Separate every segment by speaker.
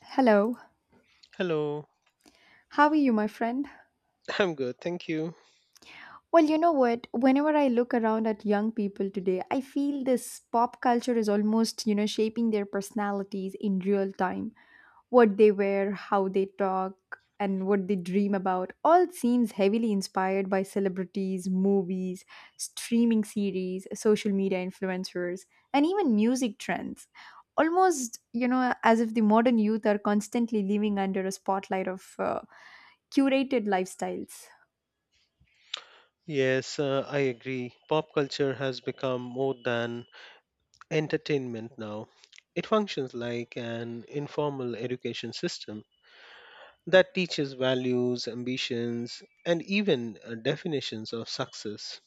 Speaker 1: Hello,
Speaker 2: Hello.
Speaker 1: how are you, my friend?
Speaker 2: I'm good, thank you.
Speaker 1: Well, you know what? Whenever I look around at young people today, I feel this pop culture is almost, shaping their personalities in real time. What they wear, how they talk, and what they dream about all seems heavily inspired by celebrities, movies, streaming series, social media influencers, and even music trends. Almost, as if the modern youth are constantly living under a spotlight of curated lifestyles.
Speaker 2: Yes, I agree. Pop culture has become more than entertainment now. It functions like an informal education system that teaches values, ambitions, and even definitions of success.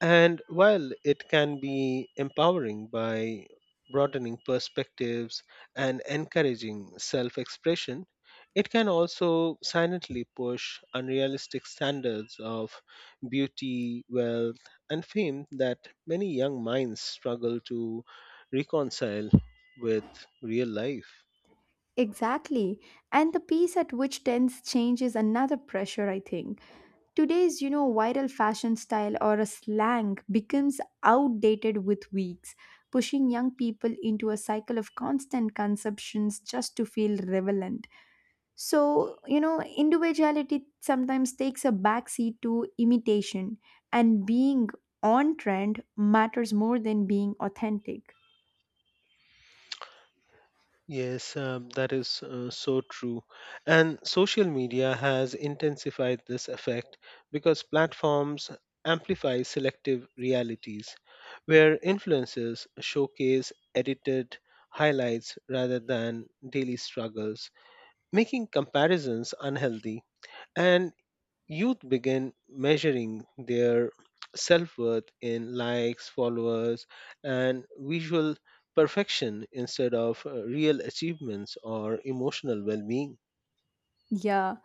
Speaker 2: And while it can be empowering by broadening perspectives and encouraging self expression, it can also silently push unrealistic standards of beauty, wealth, and fame that many young minds struggle to reconcile with real life.
Speaker 1: Exactly. And the pace at which trends change is another pressure, I think. Today's viral fashion style or a slang becomes outdated with weeks, pushing young people into a cycle of constant consumptions just to feel relevant. So, individuality sometimes takes a backseat to imitation, and being on trend matters more than being authentic.
Speaker 2: Yes, that is so true. And social media has intensified this effect because platforms amplify selective realities, where influencers showcase edited highlights rather than daily struggles, making comparisons unhealthy. And youth begin measuring their self worth in likes, followers, and visual perfection instead of real achievements or emotional well being.
Speaker 1: Yeah.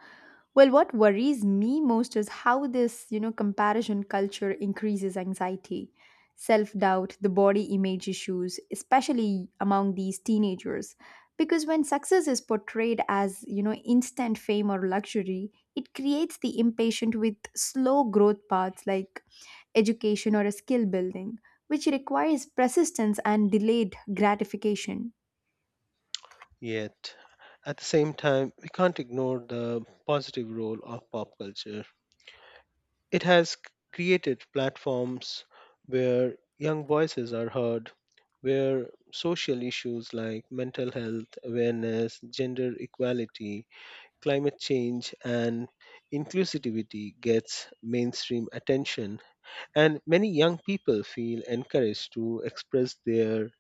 Speaker 1: Well, what worries me most is how this comparison culture increases anxiety, self doubt, the body image issues, especially among these teenagers. Because when success is portrayed as, instant fame or luxury, it creates the impatient with slow growth paths like education or a skill building, which requires persistence and delayed gratification.
Speaker 2: Yet, at the same time, we can't ignore the positive role of pop culture. It has created platforms where young voices are heard, where social issues like mental health awareness, gender equality, climate change and inclusivity gets mainstream attention, and many young people feel encouraged to express their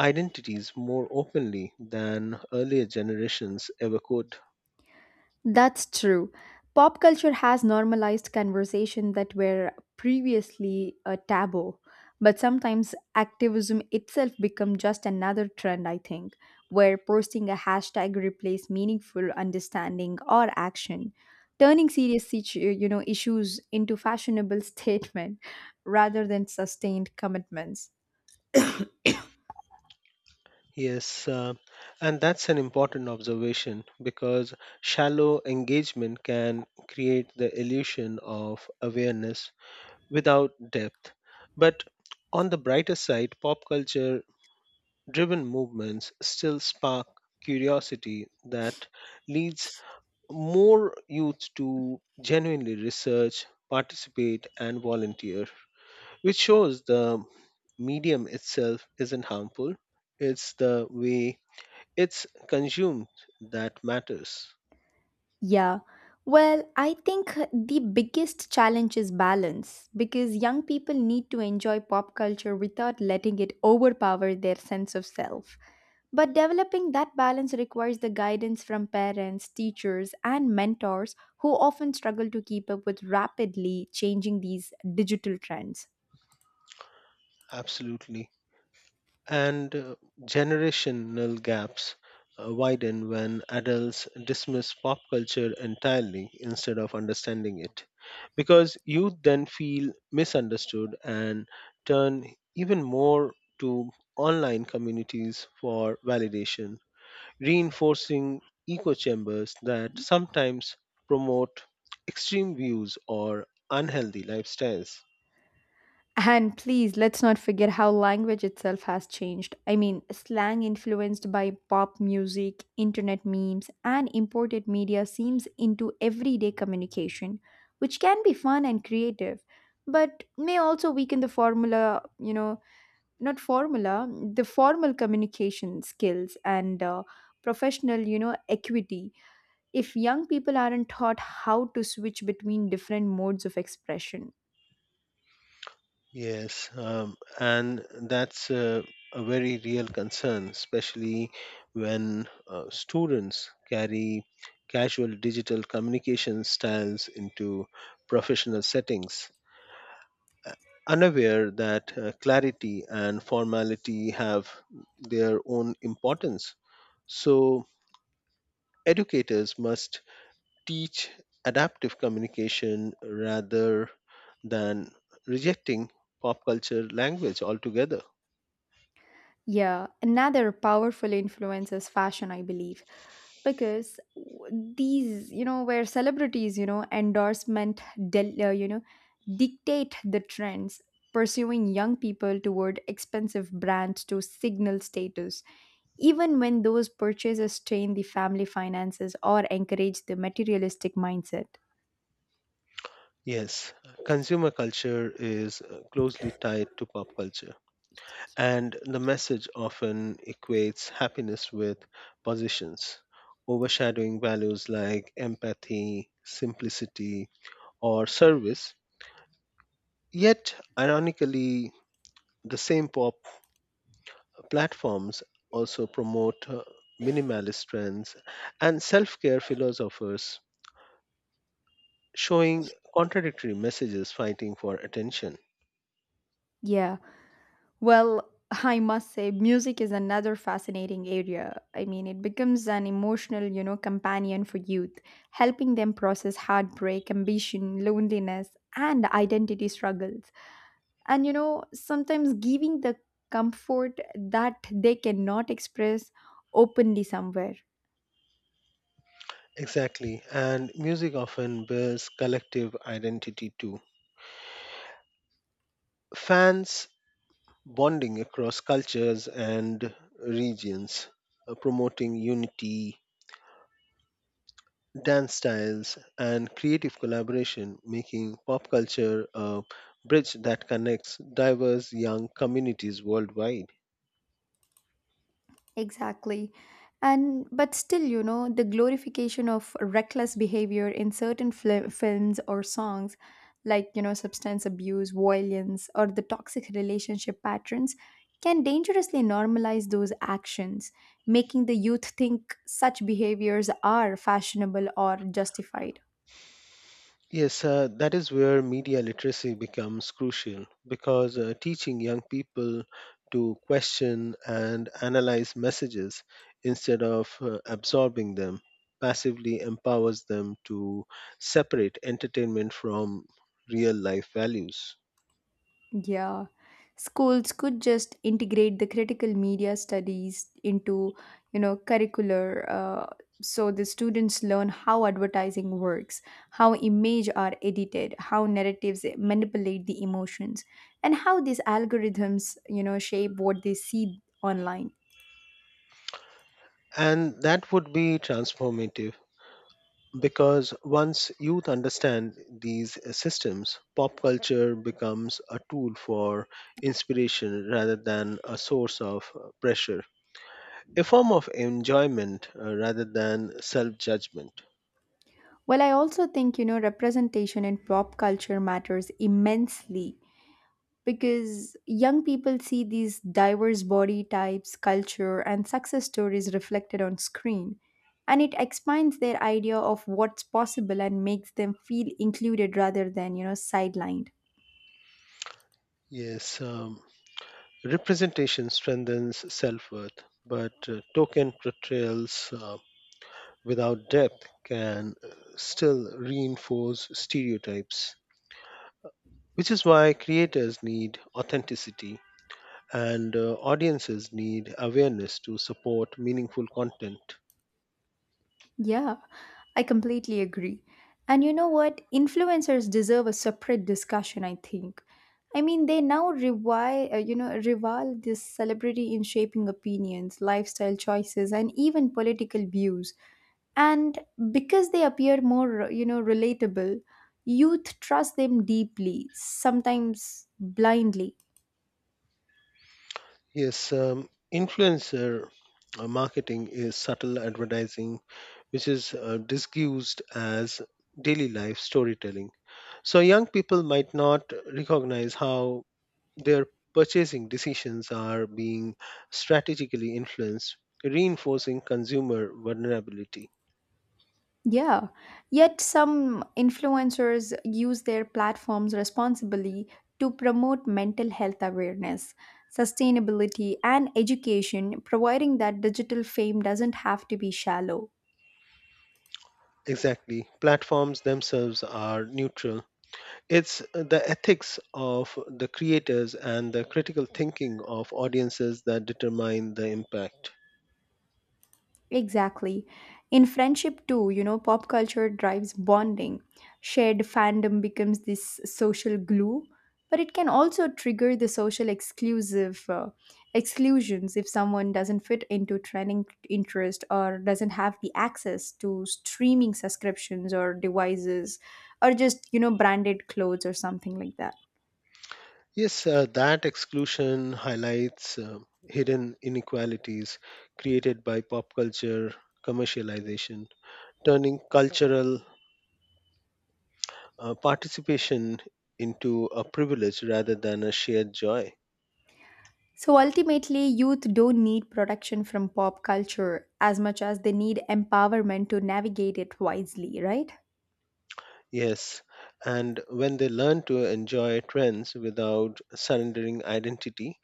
Speaker 2: identities more openly than earlier generations ever could.
Speaker 1: That's true. Pop culture has normalized conversation that were previously a taboo, but sometimes activism itself become just another trend I think, where posting a hashtag replace meaningful understanding or action, turning serious situ- you know issues into fashionable statement rather than sustained commitments.
Speaker 2: yes uh, and that's an important observation because shallow engagement can create the illusion of awareness without depth. But on the brighter side, pop culture driven movements still spark curiosity that leads more youth to genuinely research, participate, and volunteer, which shows the medium itself isn't harmful. It's the way it's consumed that matters.
Speaker 1: Yeah. Well, I think the biggest challenge is balance because young people need to enjoy pop culture without letting it overpower their sense of self. But developing that balance requires the guidance from parents, teachers, and mentors who often struggle to keep up with rapidly changing these digital trends.
Speaker 2: Absolutely. And generational gaps widen when adults dismiss pop culture entirely instead of understanding it. Because youth then feel misunderstood and turn even more to online communities for validation, reinforcing echo chambers that sometimes promote extreme views or unhealthy lifestyles.
Speaker 1: And please, let's not forget how language itself has changed. I mean, slang influenced by pop music, internet memes, and imported media seems into everyday communication, which can be fun and creative, but may also weaken the formula, not formula, the formal communication skills and professional, equity if young people aren't taught how to switch between different modes of expression.
Speaker 2: Yes, and that's a very real concern, especially when students carry casual digital communication styles into professional settings, uh, unaware that clarity and formality have their own importance. So, educators must teach adaptive communication rather than rejecting pop culture language altogether.
Speaker 1: Yeah, another powerful influence is fashion, I believe, because these where celebrities, endorsement, del- uh, you know, dictate the trends, pursuing young people toward expensive brands to signal status, even when those purchases strain the family finances or encourage the materialistic mindset.
Speaker 2: Yes, consumer culture is closely tied to pop culture, and the message often equates happiness with positions, overshadowing values like empathy, simplicity, or service. Yet, ironically, the same pop platforms also promote minimalist trends and self care philosophers, showing contradictory messages fighting for attention.
Speaker 1: Yeah. Well, I must say, music is another fascinating area. I mean, it becomes an emotional, companion for youth, helping them process heartbreak, ambition, loneliness, and identity struggles. And, sometimes giving the comfort that they cannot express openly somewhere.
Speaker 2: Exactly, and music often builds collective identity too. Fans bonding across cultures and regions, promoting unity, dance styles, and creative collaboration, making pop culture a bridge that connects diverse young communities worldwide.
Speaker 1: Exactly. And but still, the glorification of reckless behavior in certain fli films or songs, like, substance abuse, violence, or the toxic relationship patterns, can dangerously normalize those actions, making the youth think such behaviors are fashionable or justified.
Speaker 2: Yes, that is where media literacy becomes crucial because teaching young people to question and analyze messages instead of absorbing them passively empowers them to separate entertainment from real life values.
Speaker 1: Yeah, schools could just integrate the critical media studies into, curricular, so the students learn how advertising works, how image are edited, how narratives manipulate the emotions, and how these algorithms, shape what they see online.
Speaker 2: And that would be transformative. Because once youth understand these systems, pop culture becomes a tool for inspiration rather than a source of pressure, a form of enjoyment rather than self judgment.
Speaker 1: Well, I also think, representation in pop culture matters immensely because young people see these diverse body types, culture, and success stories reflected on screen. And it expands their idea of what's possible and makes them feel included rather than, sidelined.
Speaker 2: Yes, um, representation strengthens self worth, but token portrayals without depth can still reinforce stereotypes, which is why creators need authenticity and audiences need awareness to support meaningful content.
Speaker 1: Yeah, I completely agree. And you know what? Influencers deserve a separate discussion, I think. I mean, they now rival this celebrity in shaping opinions, lifestyle choices, and even political views. And because they appear more, relatable, youth trust them deeply, sometimes blindly.
Speaker 2: Yes, influencer marketing is subtle advertising, which is disguised as daily life storytelling. So, young people might not recognize how their purchasing decisions are being strategically influenced, reinforcing consumer vulnerability.
Speaker 1: Yeah, yet some influencers use their platforms responsibly to promote mental health awareness, sustainability, and education, providing that digital fame doesn't have to be shallow.
Speaker 2: Exactly. Platforms themselves are neutral. It's the ethics of the creators and the critical thinking of audiences that determine the impact.
Speaker 1: Exactly. In friendship, too, pop culture drives bonding. Shared fandom becomes this social glue, but it can also trigger the social exclusive exclusions if someone doesn't fit into trending interest or doesn't have the access to streaming subscriptions or devices or just, branded clothes or something like that.
Speaker 2: Yes, that exclusion highlights hidden inequalities created by pop culture commercialization, turning cultural participation into a privilege rather than a shared joy.
Speaker 1: So ultimately, youth don't need protection from pop culture as much as they need empowerment to navigate it wisely, right?
Speaker 2: Yes, and when they learn to enjoy trends without surrendering identity,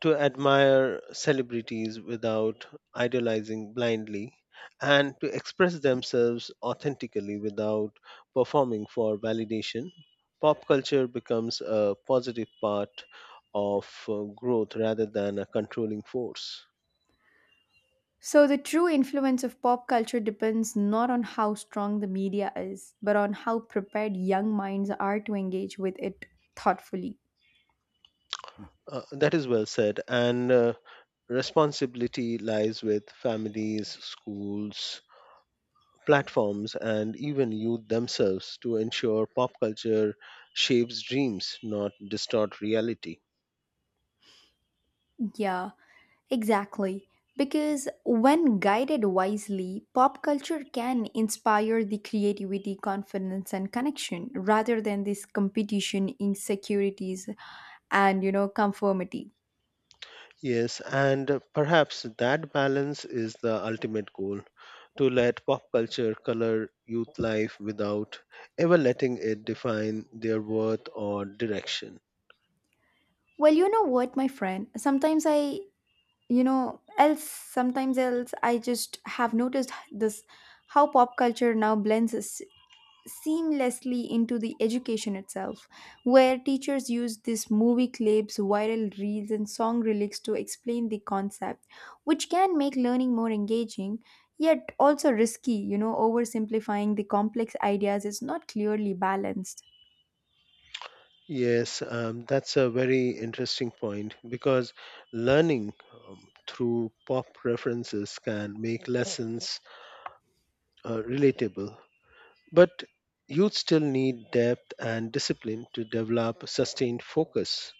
Speaker 2: to admire celebrities without idolizing blindly, and to express themselves authentically without performing for validation, pop culture becomes a positive part of growth rather than a controlling force.
Speaker 1: So the true influence of pop culture depends not on how strong the media is, but on how prepared young minds are to engage with it thoughtfully.
Speaker 2: That is well said. And responsibility lies with families, schools, platforms, and even youth themselves to ensure pop culture shapes dreams, not distort reality.
Speaker 1: Yeah, exactly. Because when guided wisely, pop culture can inspire the creativity, confidence, and connection rather than this competition, insecurities, and conformity.
Speaker 2: Yes, and perhaps that balance is the ultimate goal, to let pop culture color youth life without ever letting it define their worth or direction.
Speaker 1: Well, you know what, my friend, sometimes I you know else sometimes else I just have noticed this, how pop culture now blends seamlessly into the education itself, where teachers use these movie clips, viral reels, and song lyrics to explain the concept, which can make learning more engaging, yet also risky, oversimplifying the complex ideas is not clearly balanced.
Speaker 2: Yes, that's a very interesting point because learning through pop references can make lessons relatable. But youth still need depth and discipline to develop sustained focus,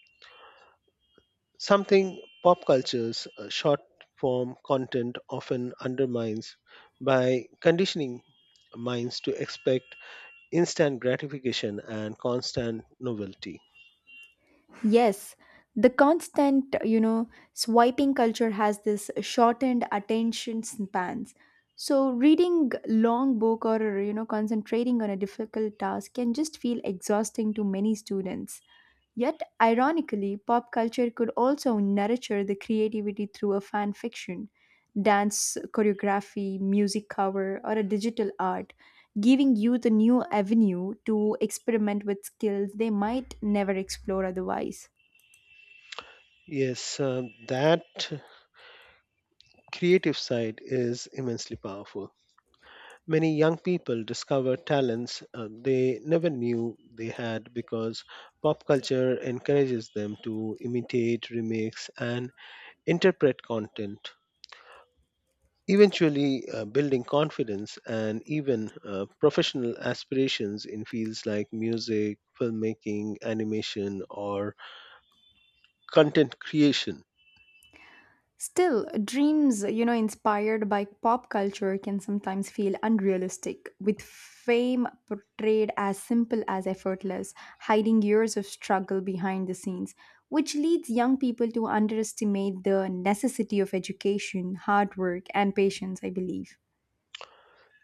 Speaker 2: something pop culture's short form content often undermines by conditioning minds to expect instant gratification and constant novelty.
Speaker 1: Yes, the constant, swiping culture has this shortened attention spans. So reading long book or concentrating on a difficult task can just feel exhausting to many students. Yet ironically, pop culture could also nurture the creativity through a fan fiction, dance choreography, music cover or a digital art, giving youth a new avenue to experiment with skills they might never explore otherwise.
Speaker 2: Yes, that creative side is immensely powerful. Many young people discover talents they never knew they had because pop culture encourages them to imitate, remix, and interpret content, eventually building confidence and even professional aspirations in fields like music, filmmaking, animation, or content creation.
Speaker 1: Still, dreams, inspired by pop culture can sometimes feel unrealistic, with fame portrayed as simple as effortless, hiding years of struggle behind the scenes, which leads young people to underestimate the necessity of education, hard work, and patience, I believe.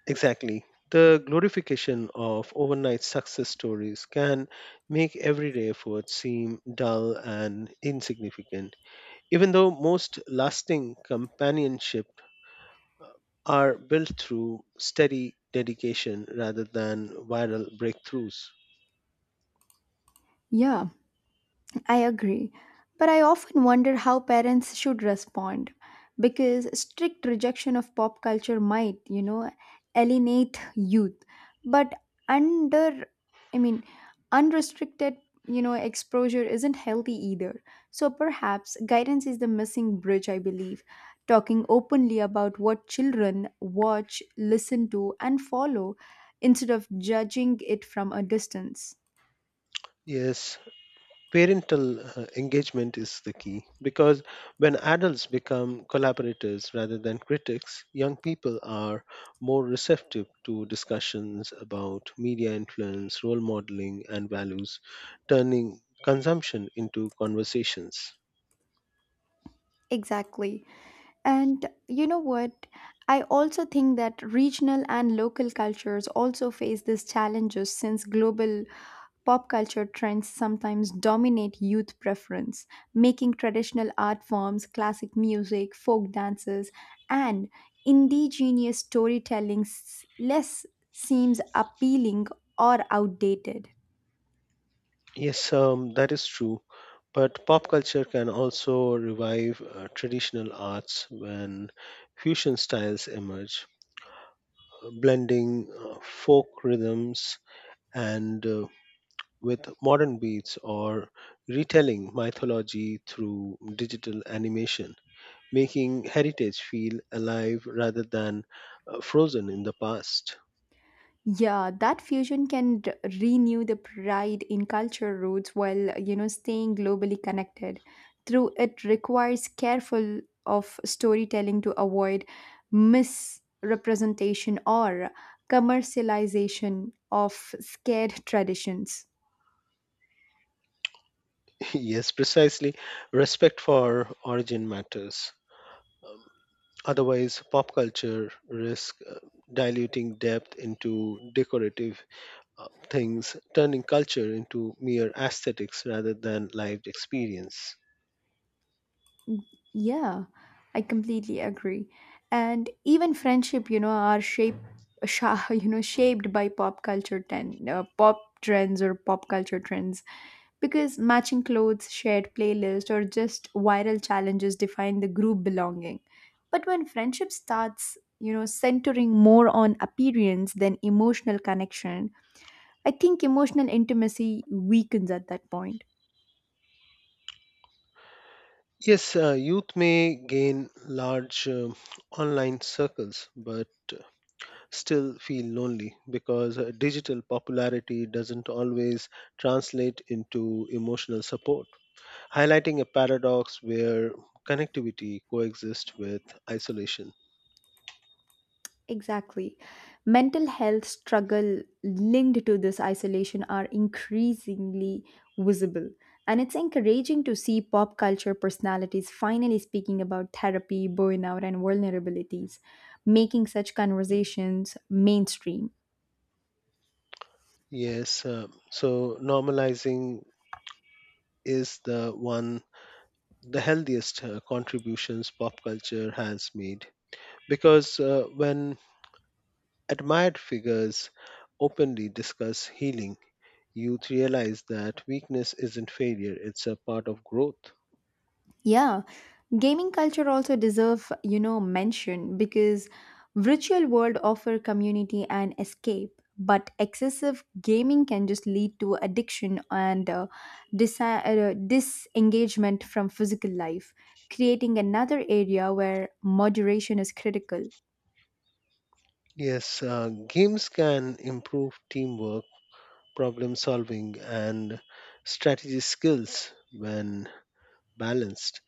Speaker 2: Exactly. The glorification of overnight success stories can make everyday effort seem dull and insignificant, even though most lasting companionship are built through steady dedication rather than viral breakthroughs.
Speaker 1: Yeah, I agree, but I often wonder how parents should respond because strict rejection of pop culture might, alienate youth. But under, I mean, unrestricted, exposure isn't healthy either. So perhaps guidance is the missing bridge, I believe. Talking openly about what children watch, listen to, and follow instead of judging it from a distance.
Speaker 2: Yes, parental engagement is the key because when adults become collaborators rather than critics, young people are more receptive to discussions about media influence, role modeling, and values, turning consumption into conversations.
Speaker 1: Exactly. And you know what? I also think that regional and local cultures also face these challenges since global pop culture trends sometimes dominate youth preference, making traditional art forms, classic music, folk dances, and indigenous storytelling less seems appealing or outdated.
Speaker 2: Yes, that is true. But pop culture can also revive traditional arts when fusion styles emerge, blending folk rhythms and with modern beats or retelling mythology through digital animation, making heritage feel alive rather than frozen in the past.
Speaker 1: Yeah, that fusion can renew the pride in culture roots while, staying globally connected. Through it requires careful of storytelling to avoid misrepresentation or commercialization of scared traditions.
Speaker 2: Yes, precisely. Respect for origin matters. Um, Otherwise, pop culture risks diluting depth into decorative things, turning culture into mere aesthetics rather than lived experience.
Speaker 1: Yeah, I completely agree. And even friendship, are shaped, shaped by pop culture pop trends or pop culture trends, because matching clothes, shared playlist, or just viral challenges define the group belonging. But when friendship starts, centering more on appearance than emotional connection, I think emotional intimacy weakens at that point.
Speaker 2: Yes, youth may gain large online circles, but still feel lonely because digital popularity doesn't always translate into emotional support, highlighting a paradox where connectivity coexists with isolation.
Speaker 1: Exactly. Mental health struggle linked to this isolation are increasingly visible. And it's encouraging to see pop culture personalities finally speaking about therapy, burnout, and vulnerabilities, making such conversations mainstream.
Speaker 2: Yes, so normalizing is the one the healthiest contributions pop culture has made because when admired figures openly discuss healing, youth realize that weakness isn't failure, it's a part of growth.
Speaker 1: Yeah, gaming culture also deserve, mention because virtual world offer community and escape, but excessive gaming can just lead to addiction and disengagement from physical life, creating another area where moderation is critical.
Speaker 2: Yes, games can improve teamwork, problem solving, and strategy skills when balanced,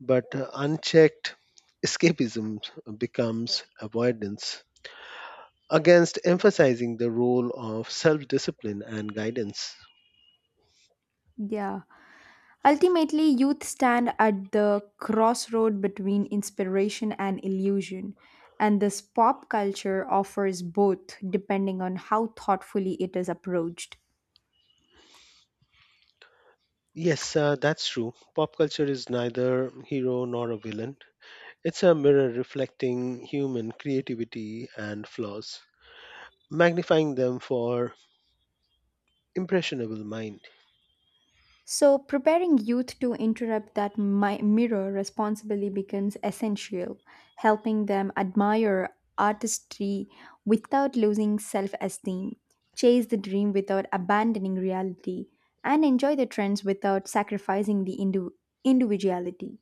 Speaker 2: but unchecked, escapism becomes avoidance. Against emphasizing the role of self discipline and guidance.
Speaker 1: Yeah. Ultimately, youth stand at the crossroad between inspiration and illusion, and this pop culture offers both depending on how thoughtfully it is approached.
Speaker 2: Yes, that's true. Pop culture is neither hero nor a villain. It's a mirror reflecting human creativity and flaws, magnifying them for impressionable mind.
Speaker 1: So, preparing youth to interrupt that mirror responsibly becomes essential, helping them admire artistry without losing self esteem, chase the dream without abandoning reality, and enjoy the trends without sacrificing the individuality.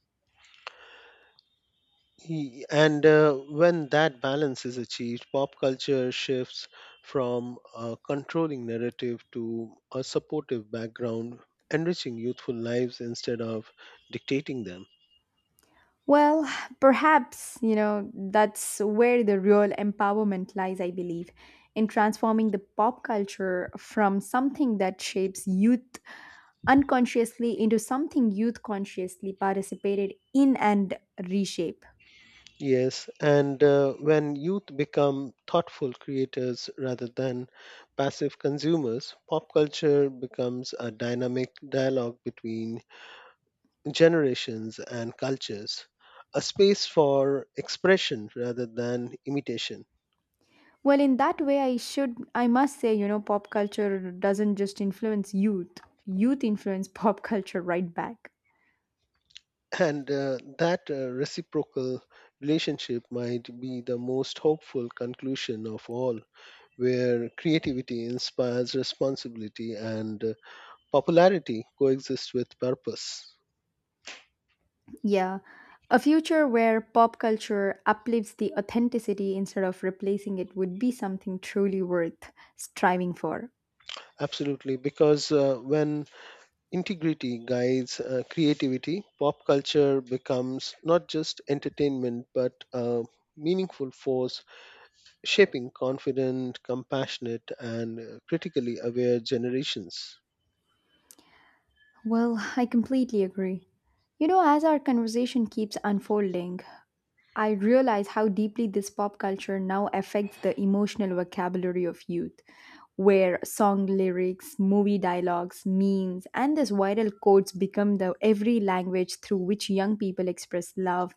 Speaker 2: And when that balance is achieved, pop culture shifts from a controlling narrative to a supportive background, enriching youthful lives instead of dictating them.
Speaker 1: Well, perhaps, that's where the real empowerment lies, I believe, in transforming the pop culture from something that shapes youth unconsciously into something youth consciously participated in and reshape.
Speaker 2: Yes, and when youth become thoughtful creators rather than passive consumers, pop culture becomes a dynamic dialogue between generations and cultures, a space for expression rather than imitation.
Speaker 1: Well, in that way, I must say, pop culture doesn't just influence youth, youth influence pop culture right back.
Speaker 2: And that reciprocal relationship might be the most hopeful conclusion of all, where creativity inspires responsibility and popularity coexist with purpose.
Speaker 1: Yeah, a future where pop culture uplifts the authenticity instead of replacing it would be something truly worth striving for.
Speaker 2: Absolutely, because when integrity guides creativity, pop culture becomes not just entertainment but a meaningful force shaping confident, compassionate, and critically aware generations.
Speaker 1: Well, I completely agree. You know, as our conversation keeps unfolding, I realize how deeply this pop culture now affects the emotional vocabulary of youth, where song lyrics, movie dialogues, memes, and these viral quotes become the every language through which young people express love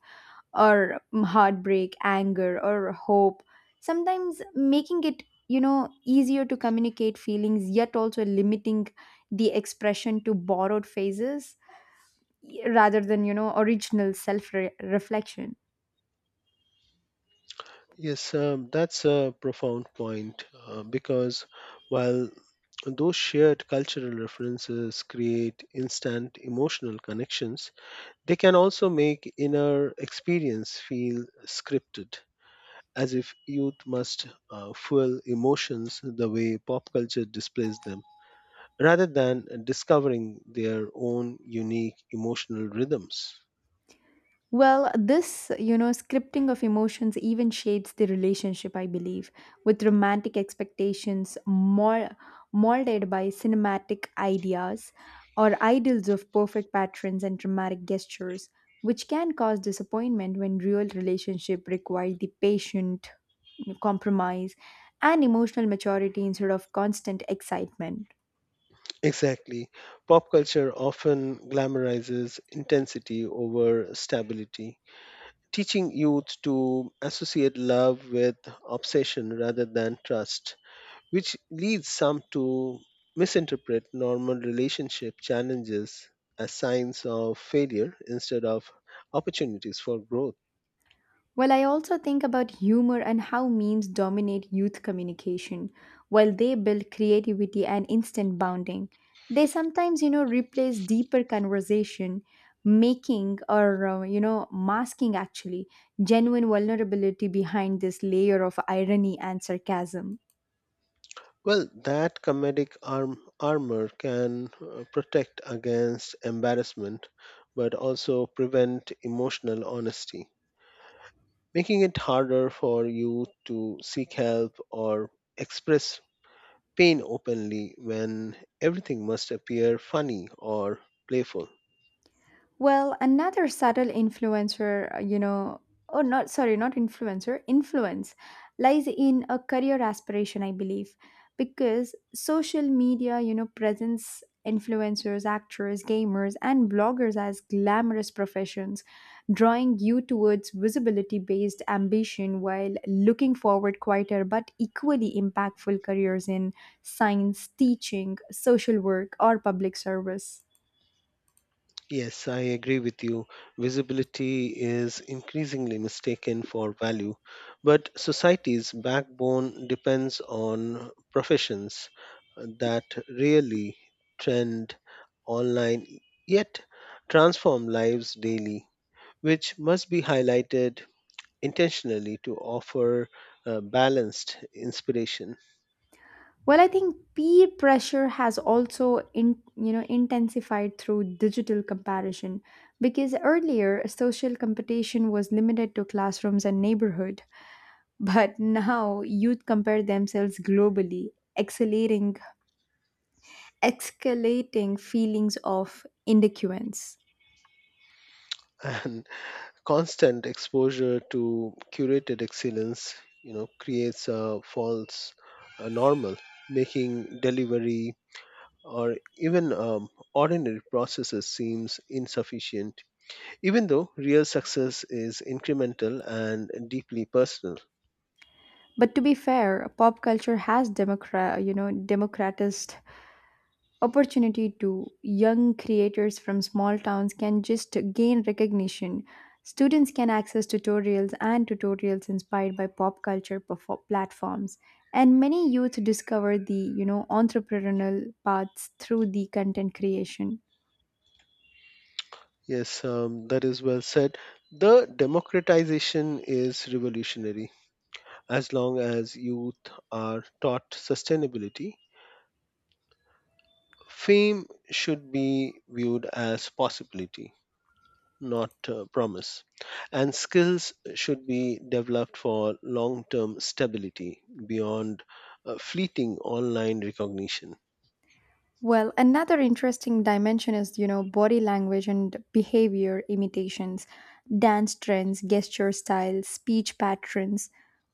Speaker 1: or heartbreak, anger, or hope, sometimes making it easier to communicate feelings, yet also limiting the expression to borrowed phases rather than original self reflection.
Speaker 2: Yes, that's a profound point because while those shared cultural references create instant emotional connections, they can also make inner experience feel scripted, as if youth must fuel emotions the way pop culture displays them, rather than discovering their own unique emotional rhythms.
Speaker 1: Well, this, scripting of emotions even shades the relationship, I believe, with romantic expectations more molded by cinematic ideas or ideals of perfect patterns and dramatic gestures, which can cause disappointment when real relationship require the patient compromise and emotional maturity instead of constant excitement.
Speaker 2: Exactly. Pop culture often glamorizes intensity over stability, teaching youth to associate love with obsession rather than trust, which leads some to misinterpret normal relationship challenges as signs of failure instead of opportunities for growth.
Speaker 1: Well, I also think about humor and how memes dominate youth communication, while they build creativity and instant bonding. They sometimes, replace deeper conversation, making or, you know, masking actually genuine vulnerability behind this layer of irony and sarcasm.
Speaker 2: Well, that comedic armor can protect against embarrassment but also prevent emotional honesty, making it harder for you to seek help or express pain openly when everything must appear funny or playful.
Speaker 1: Well, another subtle influencer, you know, or not, sorry, not influencer, influence lies in a career aspiration, I believe, because social media, presents influencers, actors, gamers, and bloggers as glamorous professions, drawing you towards visibility based ambition while looking forward quieter but equally impactful careers in science, teaching, social work, or public service.
Speaker 2: Yes, I agree with you. Visibility is increasingly mistaken for value, but society's backbone depends on professions that really trend online yet transform lives daily, which must be highlighted intentionally to offer balanced inspiration.
Speaker 1: Well, I think peer pressure has also in, you know intensified through digital comparison because earlier social competition was limited to classrooms and neighborhood, but now youth compare themselves globally, accelerating escalating feelings of inadequacy.
Speaker 2: And constant exposure to curated excellence you know creates a false normal, making delivery or even ordinary processes seems insufficient, even though real success is incremental and deeply personal.
Speaker 1: But to be fair, pop culture has democratized opportunity to young creators from small towns can just gain recognition, students can access tutorials inspired by pop culture platforms, and many youth discover the entrepreneurial paths through the content creation.
Speaker 2: Yes that is well said. The democratization is revolutionary as long as youth are taught sustainability. Fame should be viewed as possibility, not a promise, and skills should be developed for long-term stability beyond fleeting online recognition.
Speaker 1: Well, another interesting dimension is, body language and behavior imitations, dance trends, gesture styles, speech patterns,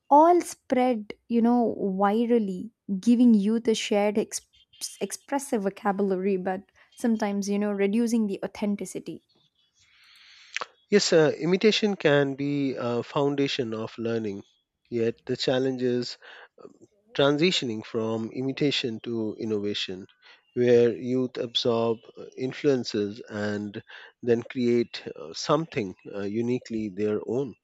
Speaker 1: all spread, virally, giving youth a shared expressive vocabulary, but sometimes, reducing the authenticity.
Speaker 2: Yes, imitation can be a foundation of learning, yet the challenge is transitioning from imitation to innovation, where youth absorb influences and then create something uniquely their own.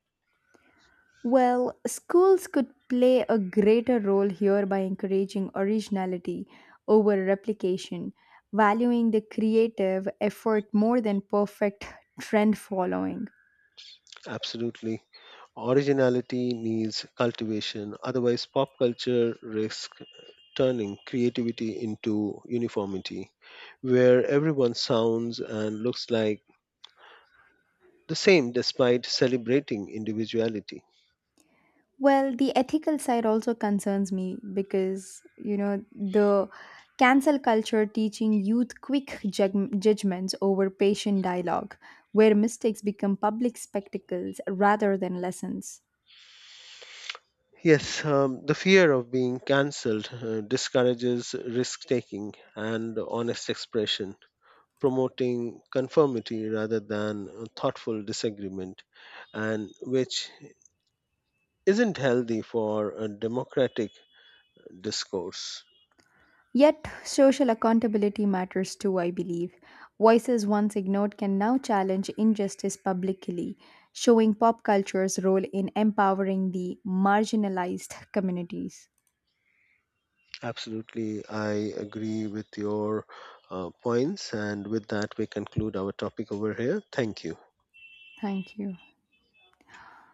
Speaker 1: Well, schools could play a greater role here by encouraging originality over replication, valuing the creative effort more than perfect trend following.
Speaker 2: Absolutely. Originality needs cultivation, otherwise, pop culture risks turning creativity into uniformity, where everyone sounds and looks like the same despite celebrating individuality.
Speaker 1: Well, the ethical side also concerns me because, the cancel culture teaching youth quick judgments over patient dialogue, where mistakes become public spectacles rather than lessons.
Speaker 2: Yes, the fear of being cancelled discourages risk taking and honest expression, promoting conformity rather than thoughtful disagreement, and which isn't healthy for a democratic discourse.
Speaker 1: Yet, social accountability matters too, I believe. Voices once ignored can now challenge injustice publicly, showing pop culture's role in empowering the marginalized communities.
Speaker 2: Absolutely, I agree with your points, and with that, we conclude our topic over here. Thank you.
Speaker 1: Thank you.